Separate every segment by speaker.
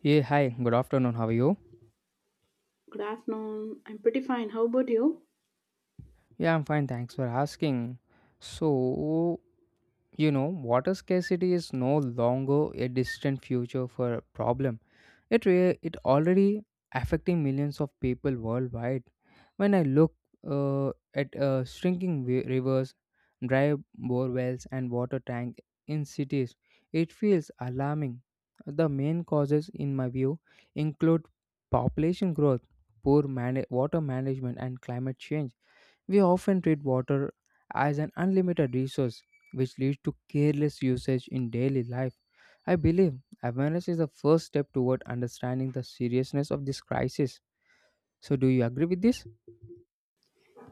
Speaker 1: Yeah, hi, good afternoon. How are you?
Speaker 2: Good afternoon. I'm pretty fine. How about you?
Speaker 1: Yeah, I'm fine. Thanks for asking. So, Water scarcity is no longer a distant future for a problem. It already affecting millions of people worldwide. When I look at shrinking rivers, dry bore wells, and water tank in cities, it feels alarming. The main causes, in my view, include population growth, poor mana water management, and climate change. We often treat water as an unlimited resource, which leads to careless usage in daily life. I believe awareness is the first step toward understanding the seriousness of this crisis. So, do you agree with this?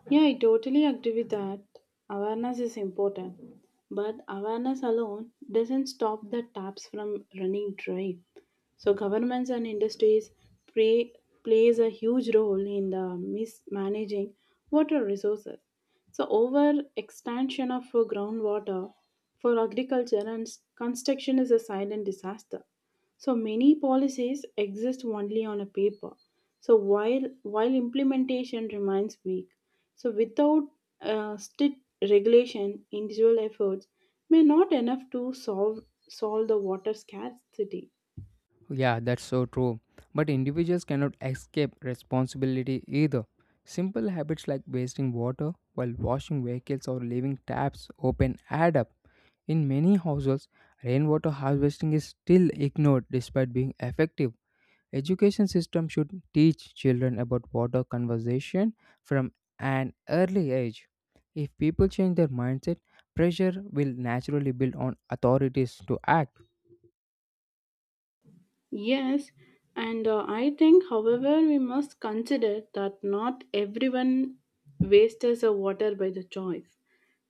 Speaker 2: Yeah, I totally agree with that. Awareness is important, but awareness alone doesn't stop the taps from running dry. So governments and industries play, plays a huge role in the mismanaging water resources. So over extension of groundwater for agriculture and construction is a silent disaster. So many policies exist only on a paper. So while implementation remains weak, so without strict regulation, individual efforts may not enough to solve the water scarcity.
Speaker 1: Yeah, that's so true. But individuals cannot escape responsibility either. Simple habits like wasting water while washing vehicles or leaving taps open add up. In many households, rainwater harvesting is still ignored despite being effective. Education system should teach children about water conservation from an early age. If people change their mindset, pressure will naturally build on authorities to act.
Speaker 2: Yes, and I think, however, we must consider that not everyone wastes the water by the choice.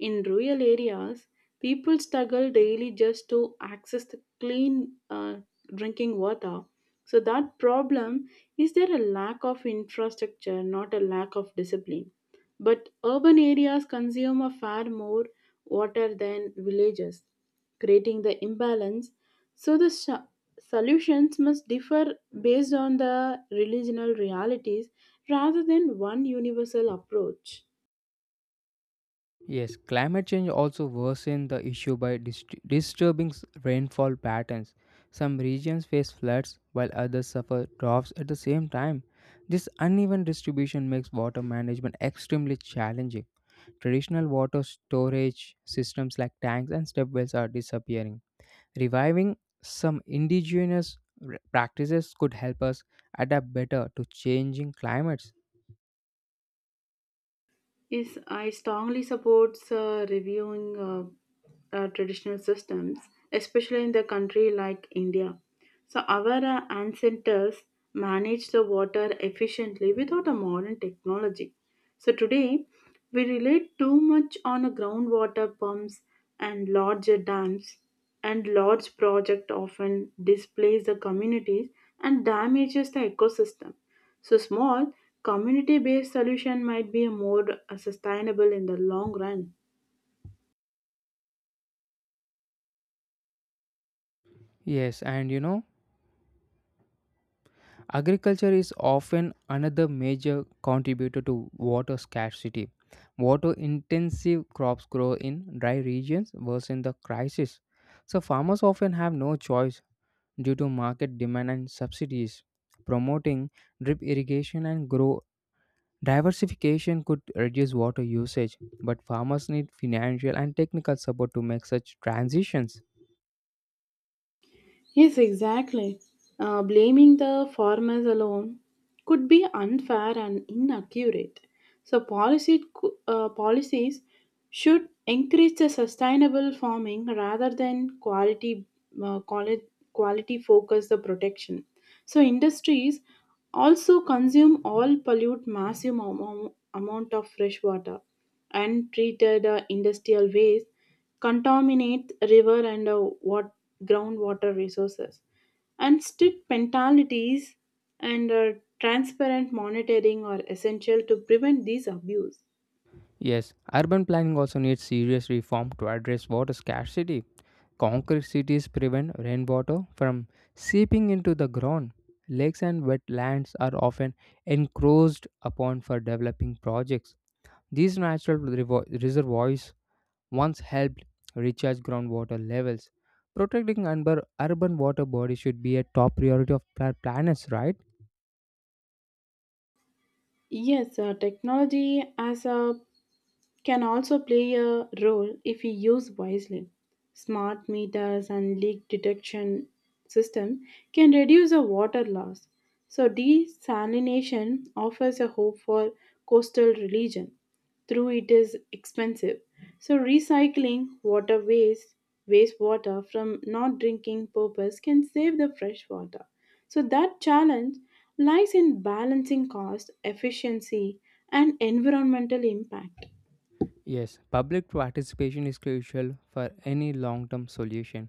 Speaker 2: In rural areas, people struggle daily just to access the clean drinking water. So that problem is there a lack of infrastructure, not a lack of discipline. But urban areas consume a far more water than villages, creating the imbalance. So solutions must differ based on the regional realities rather than one universal approach.
Speaker 1: Yes, climate change also worsens the issue by disturbing rainfall patterns. Some regions face floods while others suffer droughts at the same time. This uneven distribution makes water management extremely challenging. Traditional water storage systems like tanks and step wells are disappearing. Reviving some indigenous practices could help us adapt better to changing climates.
Speaker 2: Yes, I strongly supports reviewing traditional systems, especially in the country like India. So our ancestors managed the water efficiently without a modern technology. So today we rely too much on a groundwater pumps and larger dams, and large project often displace the communities and damages the ecosystem. So small community based solution might be more sustainable in the long run.
Speaker 1: Yes, and you know, Agriculture is often another major contributor to water scarcity. Water intensive crops grow in dry regions, worsen the crisis. So, farmers often have no choice due to market demand and subsidies. Promoting drip irrigation and grow Diversification could reduce water usage, but farmers need financial and technical support to make such transitions.
Speaker 2: Yes, exactly. Blaming the farmers alone could be unfair and inaccurate. So, policies should encourage the sustainable farming rather than uh, quality, quality focus the protection. So, industries also consume all pollute massive amount of fresh water. Untreated industrial waste contaminate river and groundwater resources. And strict penalties and transparent monitoring are essential to prevent these abuse.
Speaker 1: Yes, urban planning also needs serious reform to address water scarcity. Concrete cities prevent rainwater from seeping into the ground. Lakes and wetlands are often encroached upon for developing projects. These natural reservoirs once helped recharge groundwater levels. Protecting urban water bodies should be a top priority of planners, right?
Speaker 2: Yes, technology as a can also play a role if we use wisely. Smart meters and leak detection system can reduce the water loss. So desalination offers a hope for coastal religion. Through it is expensive. So recycling wastewater from not drinking purpose can save the fresh water. So that challenge lies in balancing cost, efficiency, and environmental impact.
Speaker 1: Yes, public participation is crucial for any long term solution.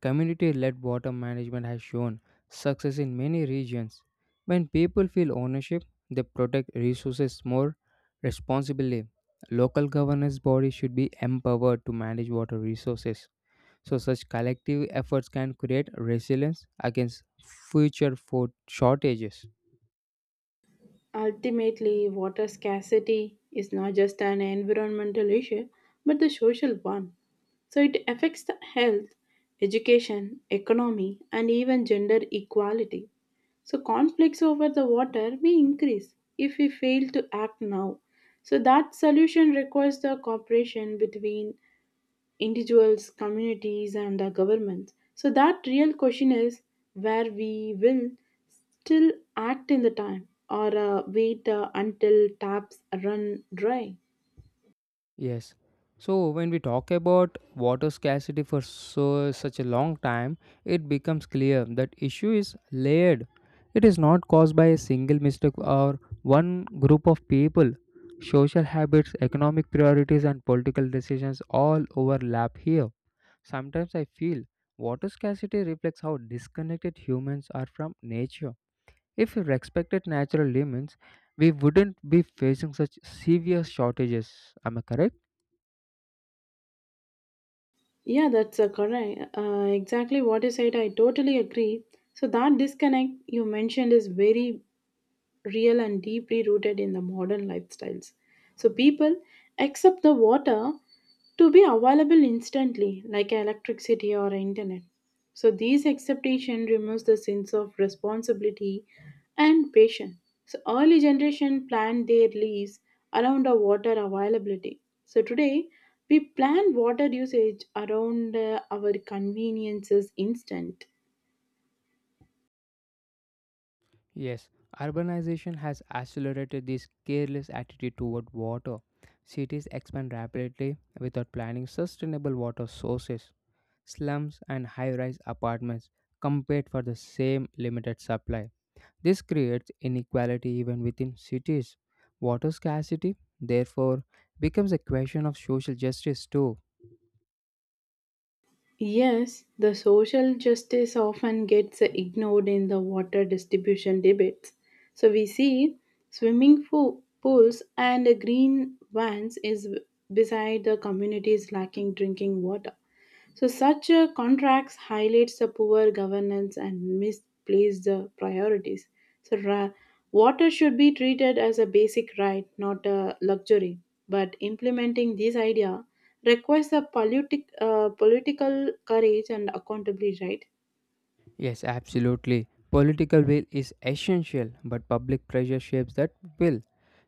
Speaker 1: Community led water management has shown success in many regions. When people feel ownership, they protect resources more responsibly. Local governance bodies should be empowered to manage water resources. So, such collective efforts can create resilience against future food shortages.
Speaker 2: Ultimately, water scarcity is not just an environmental issue, but the social one. So it affects the health, education, economy, and even gender equality. So conflicts over the water may increase if we fail to act now. So that solution requires the cooperation between individuals, communities, and the governments. So that real question is where we will still act in the time or wait until taps run dry.
Speaker 1: Yes. So, when we talk about water scarcity for so such a long time, it becomes clear that issue is layered. It is not caused by a single mistake or one group of people. Social habits, economic priorities, and political decisions all overlap here. Sometimes I feel water scarcity reflects how disconnected humans are from nature. If we respected natural limits, we wouldn't be facing such severe shortages. Am I correct?
Speaker 2: Yeah, that's correct. Exactly what you said. I totally agree. So that disconnect you mentioned is very real and deeply rooted in the modern lifestyles. So people accept the water to be available instantly, like electricity or internet. So these acceptation removes the sense of responsibility and patience. So early generation planned their lives around the water availability. So today we plan water usage around our conveniences instant.
Speaker 1: Yes, urbanization has accelerated this careless attitude toward water. Cities expand rapidly without planning sustainable water sources. Slums and high rise apartments compete for the same limited supply. This creates inequality even within cities. Water scarcity, therefore, becomes a question of social justice too.
Speaker 2: Yes, the social justice often gets ignored in the water distribution debates. So we see swimming pools and green vans is beside the communities lacking drinking water. So such a contracts highlights the poor governance and misplaced priorities. So water should be treated as a basic right, not a luxury. But implementing this idea requires a political courage and accountability, right?
Speaker 1: Yes, absolutely. Political will is essential, but public pressure shapes that will.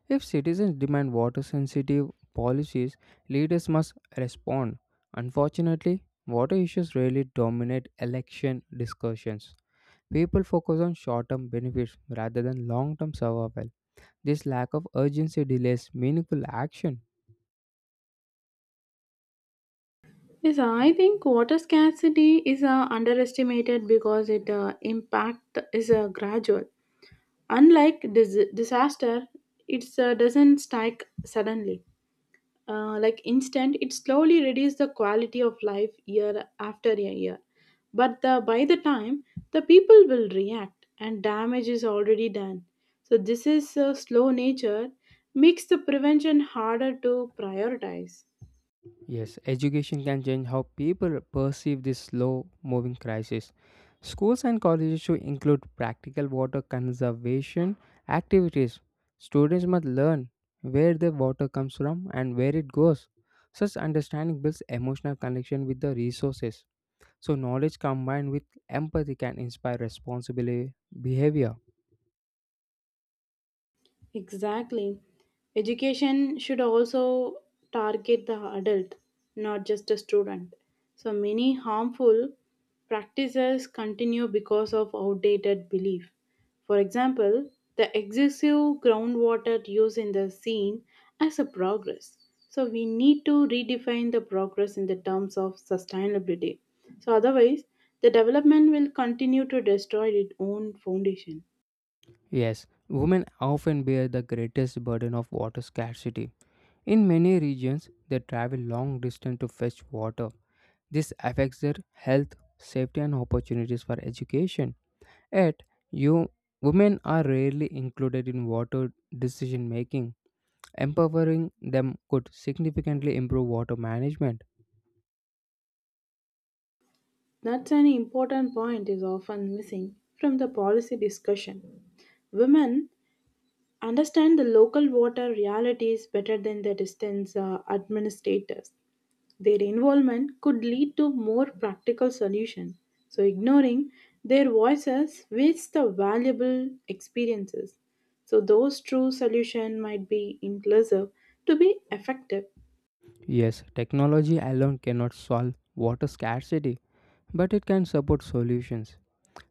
Speaker 1: If citizens demand water sensitive policies, leaders must respond. Unfortunately, water issues rarely dominate election discussions. People focus on short term benefits rather than long term survival. This lack of urgency delays meaningful action.
Speaker 2: Yes, I think water scarcity is underestimated because its impact is gradual. Unlike disaster, it doesn't strike suddenly. Like instant, it slowly reduces the quality of life year after a year. But by the time, the people will react and damage is already done. So this is a slow nature makes the prevention harder to prioritize.
Speaker 1: Yes, education can change how people perceive this slow moving crisis. Schools and colleges should include practical water conservation activities. Students must learn where the water comes from and where it goes. Such understanding builds emotional connection with the resources. So, knowledge combined with empathy can inspire responsible behavior.
Speaker 2: Exactly. Education should also target the adult, not just a student. So many harmful practices continue because of outdated belief. For example, the excessive groundwater use in the scene as a progress. So we need to redefine the progress in the terms of sustainability. So otherwise, the development will continue to destroy its own foundation.
Speaker 1: Yes, women often bear the greatest burden of water scarcity. In many regions, they travel long distance to fetch water. This affects their health, safety, and opportunities for education. Yet, you women are rarely included in water decision making. Empowering them could significantly improve water management.
Speaker 2: That's an important point is often missing from the policy discussion. Women understand the local water realities better than the distance administrators. Their involvement could lead to more practical solutions. So ignoring their voices wastes the valuable experiences. So those true solution might be inclusive to be effective.
Speaker 1: Yes, technology alone cannot solve water scarcity, but it can support solutions.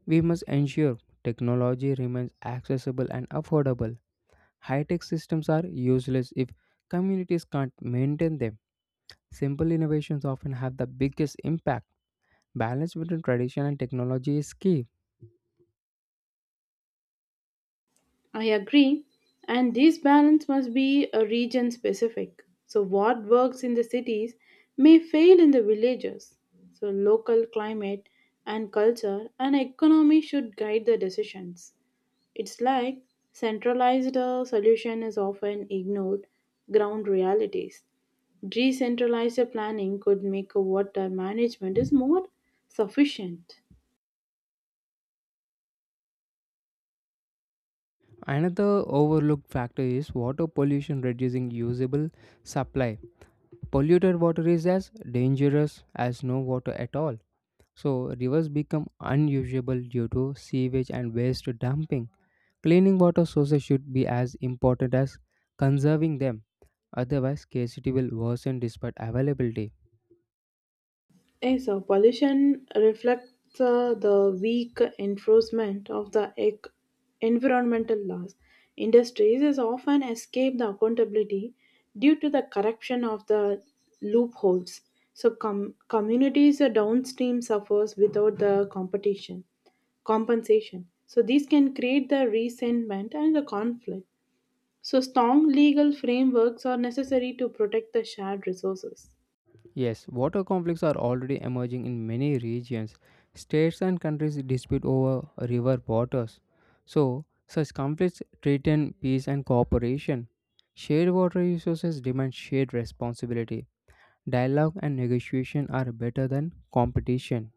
Speaker 1: We must ensure technology remains accessible and affordable. High tech systems are useless if communities can't maintain them. Simple innovations often have the biggest impact. Balance between tradition and technology is key.
Speaker 2: I agree. And this balance must be a region specific. So what works in the cities may fail in the villages. So local climate and culture and economy should guide the decisions. It's like centralized solution is often ignored ground realities. Decentralized planning could make a water management is more sufficient.
Speaker 1: Another overlooked factor is water pollution reducing usable supply. Polluted water is as dangerous as no water at all. So, rivers become unusable due to sewage and waste dumping. Cleaning water sources should be as important as conserving them, otherwise, scarcity will worsen despite availability.
Speaker 2: Yes, so pollution reflects the weak enforcement of the environmental laws. Industries is often escape the accountability due to the corruption of the loopholes. So communities downstream suffers without the competition compensation. So these can create the resentment and the conflict. So strong legal frameworks are necessary to protect the shared resources.
Speaker 1: Yes, water conflicts are already emerging in many regions. States and countries dispute over river waters. So, such conflicts threaten peace and cooperation. Shared water resources demand shared responsibility. Dialogue and negotiation are better than competition.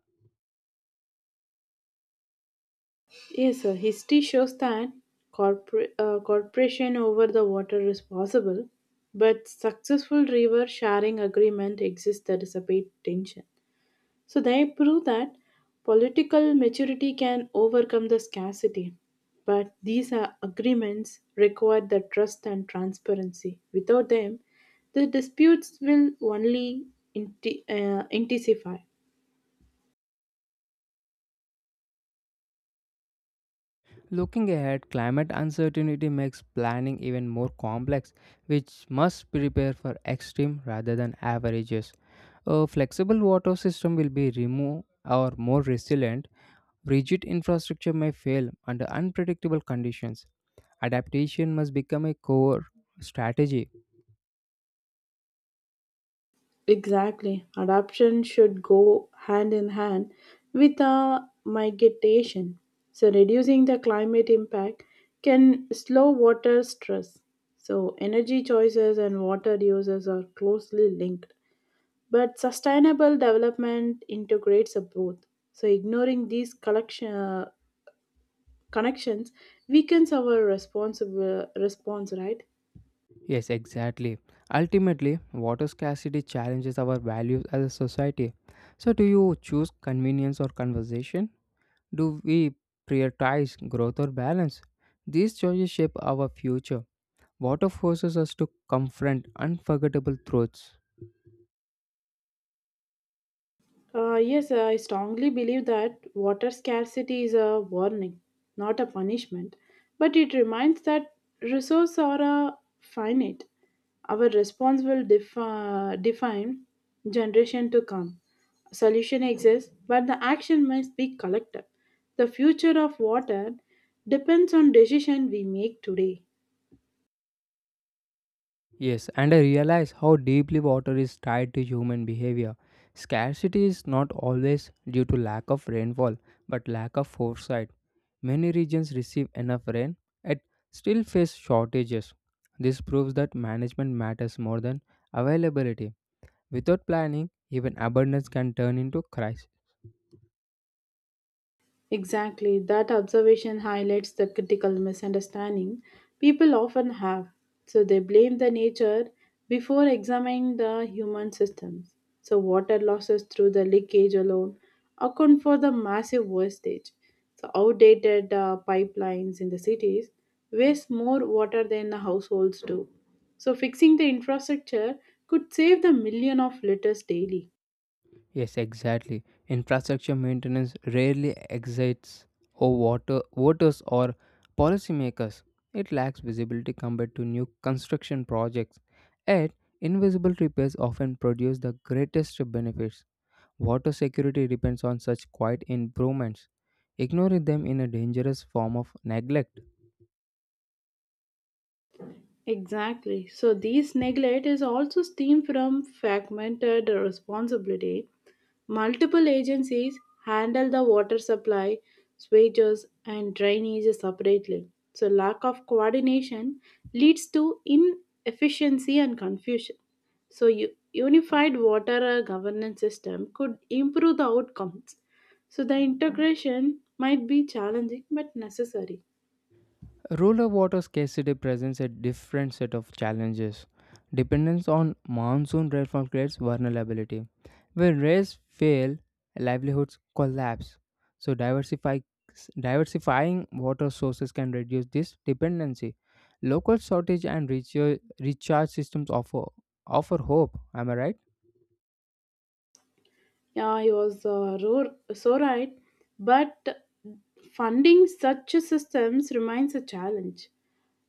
Speaker 2: Yes, history shows that corporation over the water is possible, but successful river sharing agreement exists that is a big tension. So they prove that political maturity can overcome the scarcity, but these are agreements require the trust and transparency. Without them, the disputes will only intensify.
Speaker 1: Looking ahead, climate uncertainty makes planning even more complex, which must prepare for extreme rather than averages. A flexible water system will be removed or more resilient. Rigid infrastructure may fail under unpredictable conditions. Adaptation must become a core strategy.
Speaker 2: Exactly. Adoption should go hand in hand with a mitigation. So reducing the climate impact can slow water stress. So energy choices and water uses are closely linked. But sustainable development integrates a both. So ignoring these connections weakens our responsible response, right?
Speaker 1: Yes, exactly. Ultimately, water scarcity challenges our values as a society. So, do you choose convenience or conversation? Do we prioritize growth or balance? These choices shape our future. Water forces us to confront unforgettable truths.
Speaker 2: Yes, I strongly believe that water scarcity is a warning, not a punishment. But it reminds that resources are uh, finite. Our response will define generation to come. Solution exists, but the action must be collective. The future of water depends on decision we make today.
Speaker 1: Yes, and I realize how deeply water is tied to human behavior. Scarcity is not always due to lack of rainfall, but lack of foresight. Many regions receive enough rain yet still face shortages. This proves that management matters more than availability. Without planning, even abundance can turn into crisis.
Speaker 2: Exactly, that observation highlights the critical misunderstanding people often have. So they blame the nature before examining the human systems. So water losses through the leakage alone account for the massive wastage. So outdated pipelines in the cities waste more water than the households do. So fixing the infrastructure could save the million of liters daily.
Speaker 1: Yes, exactly. Infrastructure maintenance rarely excites or water voters or policymakers. It lacks visibility compared to new construction projects. Yet, invisible repairs often produce the greatest benefits. Water security depends on such quiet improvements. Ignoring them in a dangerous form of neglect.
Speaker 2: Exactly. So this neglect is also stemmed from fragmented responsibility. Multiple agencies handle the water supply, sewage, and drainage separately. So lack of coordination leads to inefficiency and confusion. So, unified water governance system could improve the outcomes. So the integration might be challenging but necessary.
Speaker 1: Rural water scarcity presents a different set of challenges. Dependence on monsoon rainfall creates vulnerability. When rains fail, livelihoods collapse. So diversifying water sources can reduce this dependency. Local shortage and recharge systems offer hope. Am I right?
Speaker 2: Yeah, he was so right. But funding such systems remains a challenge.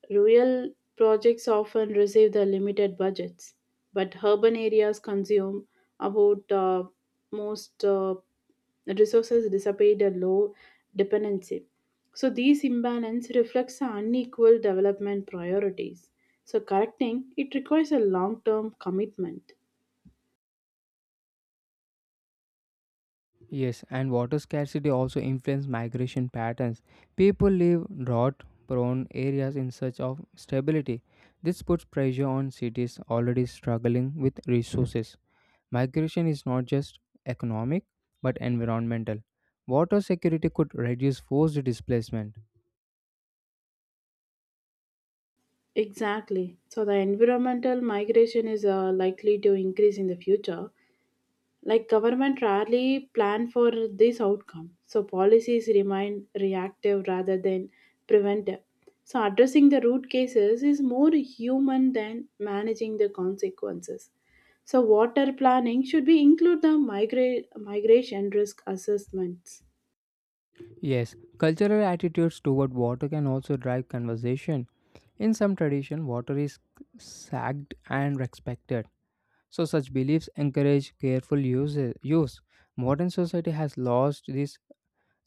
Speaker 2: Rural projects often receive the limited budgets, but urban areas consume about most resources dissipate a low dependency. So these imbalance reflects the unequal development priorities. So correcting it requires a long-term commitment.
Speaker 1: Yes, and water scarcity also influences migration patterns. People leave drought prone areas in search of stability. This puts pressure on cities already struggling with resources. Migration is not just economic but environmental. Water security could reduce forced displacement.
Speaker 2: Exactly. So the environmental migration is likely to increase in the future. Like government rarely plan for this outcome. So policies remain reactive rather than preventive. So addressing the root cases is more human than managing the consequences. So water planning should be include the migration risk assessments.
Speaker 1: Yes, cultural attitudes toward water can also drive conversation. In some tradition, water is sagged and respected. So such beliefs encourage careful use. Modern society has lost this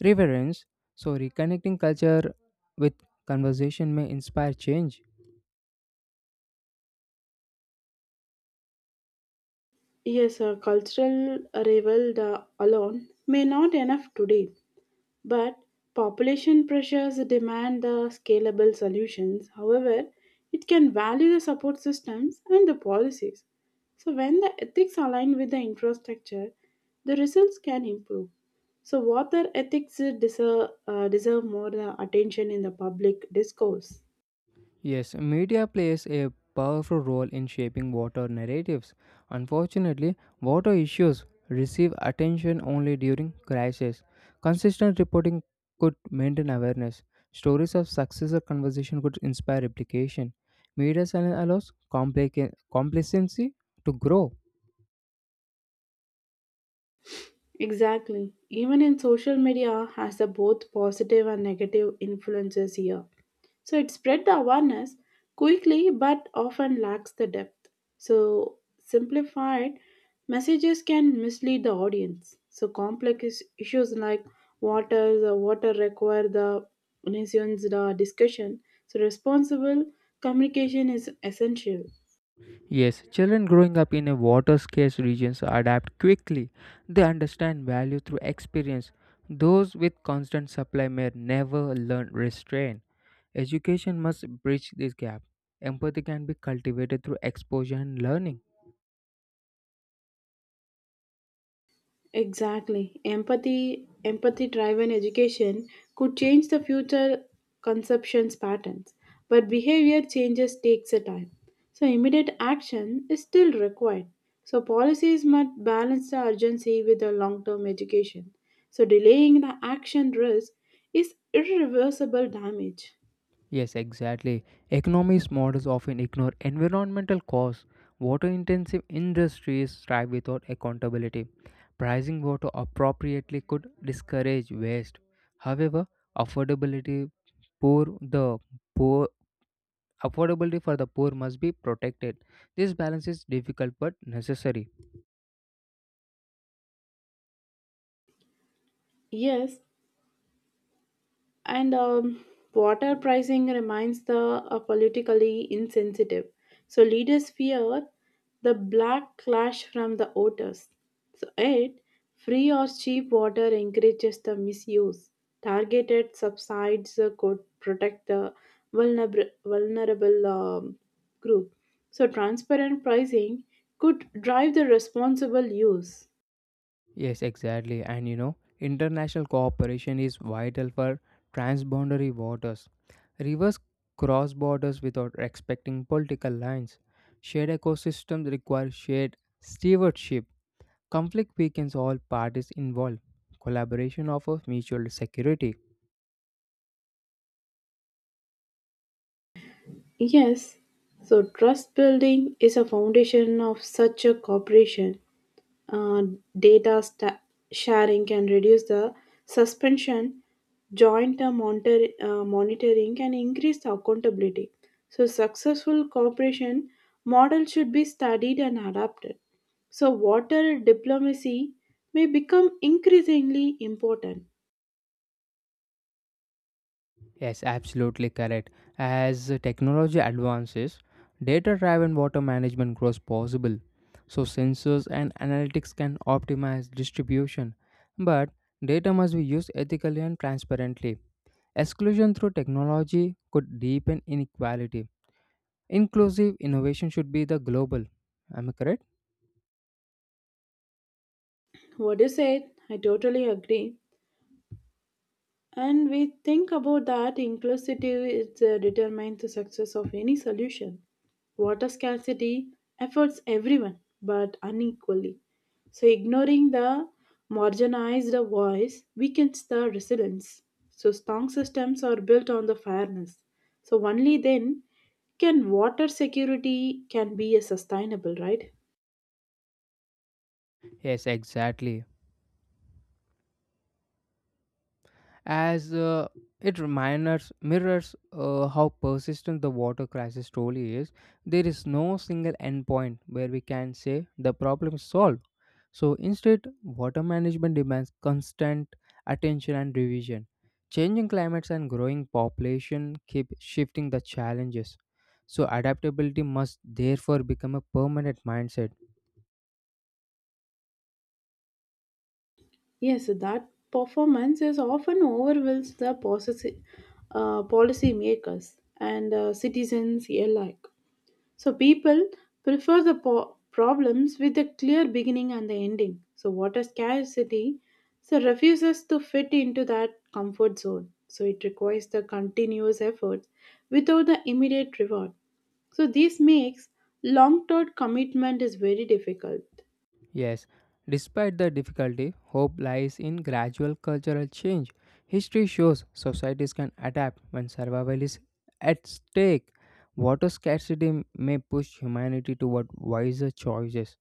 Speaker 1: reverence, so reconnecting culture with conversation may inspire change.
Speaker 2: Yes, a cultural revel the alone may not enough today. But population pressures demand the scalable solutions. However, it can value the support systems and the policies. So when the ethics align with the infrastructure, the results can improve. So water ethics deserve more attention in the public discourse.
Speaker 1: Yes, media plays a powerful role in shaping water narratives. Unfortunately, water issues receive attention only during crises. Consistent reporting could maintain awareness. Stories of success or conversation could inspire replication. Media silence allows complacency to grow.
Speaker 2: Exactly. Even in social media has the both positive and negative influences here. So it spread the awareness quickly but often lacks the depth. So simplified messages can mislead the audience. So complex issues like the water require the nation's the discussion. So responsible communication is essential.
Speaker 1: Yes, children growing up in a water scarce regions adapt quickly. They understand value through experience. Those with constant supply may never learn restraint. Education must bridge this gap. Empathy can be cultivated through exposure and learning.
Speaker 2: Exactly. Empathy driven education could change the future conceptions patterns, but behavior changes takes a time. So immediate action is still required. So policies must balance the urgency with the long-term education. So delaying the action risk is irreversible damage.
Speaker 1: Yes, exactly. Economics models often ignore environmental costs. Water intensive industries thrive without accountability. Pricing water appropriately could discourage waste. However, affordability poor the poor affordability for the poor must be protected. This balance is difficult but necessary.
Speaker 2: Yes, and water pricing remains the politically insensitive. So leaders fear the black clash from the otters. So eight, free or cheap water encourages the misuse. Targeted subsides could protect the vulnerable group. So transparent pricing could drive the responsible use.
Speaker 1: International cooperation is vital for transboundary waters. Rivers cross borders without respecting political lines. Shared ecosystems require shared stewardship. Conflict weakens all parties involved. Collaboration offers mutual security.
Speaker 2: Yes, so trust building is a foundation of such a cooperation. Uh, data sharing can reduce the suspension, joint monitoring, and increase the accountability. So successful cooperation model should be studied and adapted. So water diplomacy may become increasingly important.
Speaker 1: Yes, absolutely correct. As technology advances, data driven water management grows possible. So, sensors and analytics can optimize distribution. But data must be used ethically and transparently. Exclusion through technology could deepen inequality. Inclusive innovation should be the global. Am I correct?
Speaker 2: What you said, I totally agree. And we think about that inclusivity is determines the success of any solution. Water scarcity affects everyone, but unequally. So ignoring the marginalized voice weakens the resilience. So strong systems are built on the fairness. So only then can water security can be a sustainable, right?
Speaker 1: Yes, exactly. as It reminders mirrors how persistent the water crisis truly is. There is no single endpoint where we can say the problem is solved. So instead water management demands constant attention and revision. Changing climates and growing population keep shifting the challenges. So adaptability must therefore become a permanent mindset.
Speaker 2: Yes, that performance is often overwhelms the policy makers and citizens alike. So people prefer the problems with a clear beginning and the ending. So water scarcity so refuses to fit into that comfort zone. So it requires the continuous effort without the immediate reward. So this makes long-term commitment is very difficult.
Speaker 1: Yes, despite the difficulty, hope lies in gradual cultural change. History shows societies can adapt when survival is at stake. Water scarcity may push humanity toward wiser choices.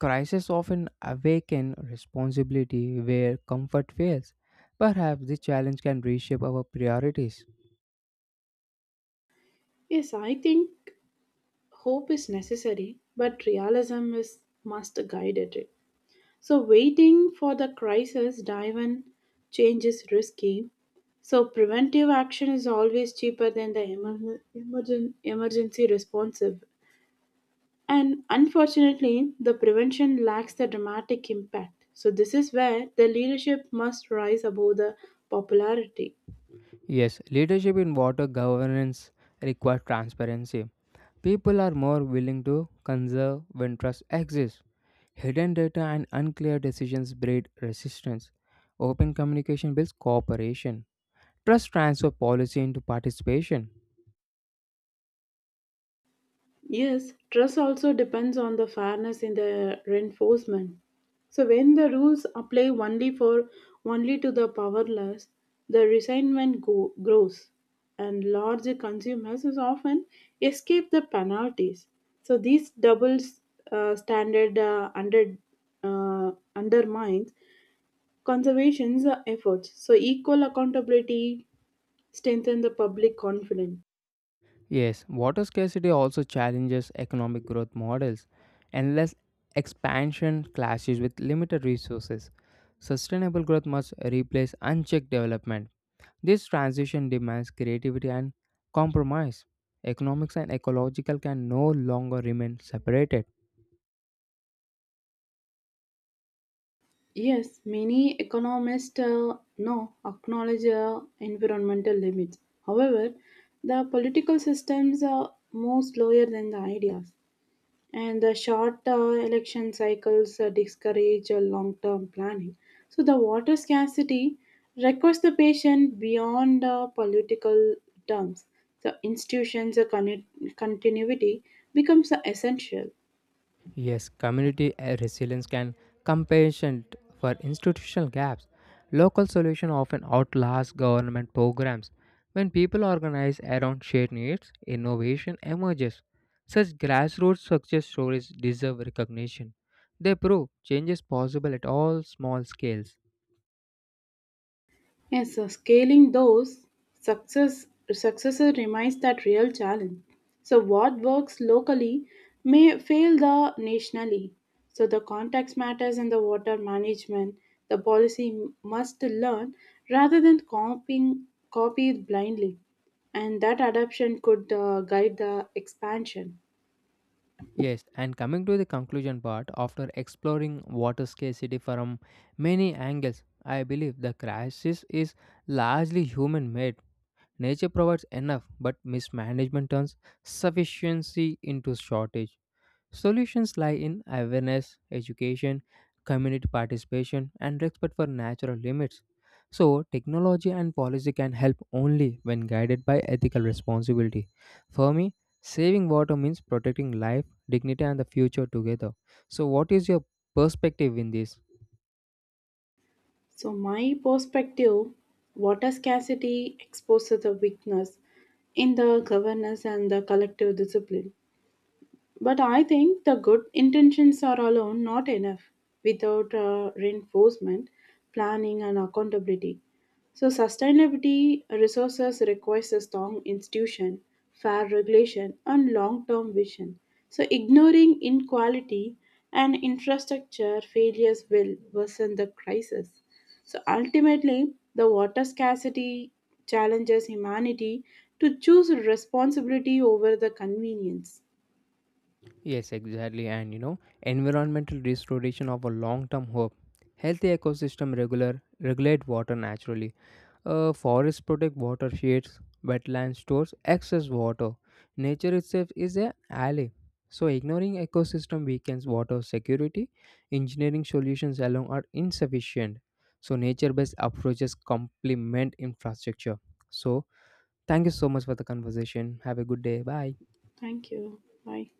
Speaker 1: Crises often awaken responsibility where comfort fails. Perhaps this challenge can reshape our priorities.
Speaker 2: Yes, I think hope is necessary, but realism is must guide it. So waiting for the crisis dive in change is risky. So preventive action is always cheaper than the emergency responsive. And unfortunately, the prevention lacks the dramatic impact. So this is where the leadership must rise above the popularity.
Speaker 1: Yes, leadership in water governance requires transparency. People are more willing to conserve when trust exists. Hidden data and unclear decisions breed resistance. Open communication builds cooperation. Trust transfer policy into participation.
Speaker 2: Yes, trust also depends on the fairness in the reinforcement. So when the rules apply only to the powerless, the resentment grows, and large consumers is often escape the penalties. So these double standard undermines conservation's efforts. So equal accountability strengthen the public confidence.
Speaker 1: Yes, water scarcity also challenges economic growth models. Endless expansion clashes with limited resources. Sustainable growth must replace unchecked development. This transition demands creativity and compromise. Economics and ecological can no longer remain separated.
Speaker 2: Yes, many economists now acknowledge environmental limits. However, the political systems are more slower than the ideas, and the short election cycles discourage long term planning. So the water scarcity requires the patient beyond political terms. The institutions' continuity becomes essential.
Speaker 1: Yes, community resilience can compensate for institutional gaps. Local solutions often outlast government programs. When people organize around shared needs, innovation emerges. Such grassroots success stories deserve recognition. They prove change is possible at all small scales.
Speaker 2: Yes, so scaling those success successes remains that real challenge. So what works locally may fail the nationally. So the context matters in the water management. The policy must learn rather than copy it blindly, and that adoption could guide the expansion.
Speaker 1: Yes, and coming to the conclusion part, after exploring water scarcity from many angles, I believe the crisis is largely human made. Nature provides enough, but mismanagement turns sufficiency into shortage. Solutions lie in awareness, education, community participation, and respect for natural limits. So, technology and policy can help only when guided by ethical responsibility. For me, saving water means protecting life, dignity, and the future together. So, what is your perspective in this?
Speaker 2: So my perspective, water scarcity exposes the weakness in the governance and the collective discipline. But I think the good intentions are alone not enough without reinforcement, planning, and accountability. So sustainability resources requires a strong institution, fair regulation, and long term vision. So ignoring inequality and infrastructure failures will worsen the crisis. So ultimately, the water scarcity challenges humanity to choose responsibility over the convenience.
Speaker 1: Yes, exactly. And you know, environmental restoration of a long-term hope. Healthy ecosystem regular regulate water naturally. Forests protect watersheds, wetland stores excess water. Nature itself is a ally. So ignoring ecosystem weakens water security. Engineering solutions alone are insufficient. So nature-based approaches complement infrastructure. So thank you so much for the conversation. Have a good day. Bye.
Speaker 2: Thank you. Bye.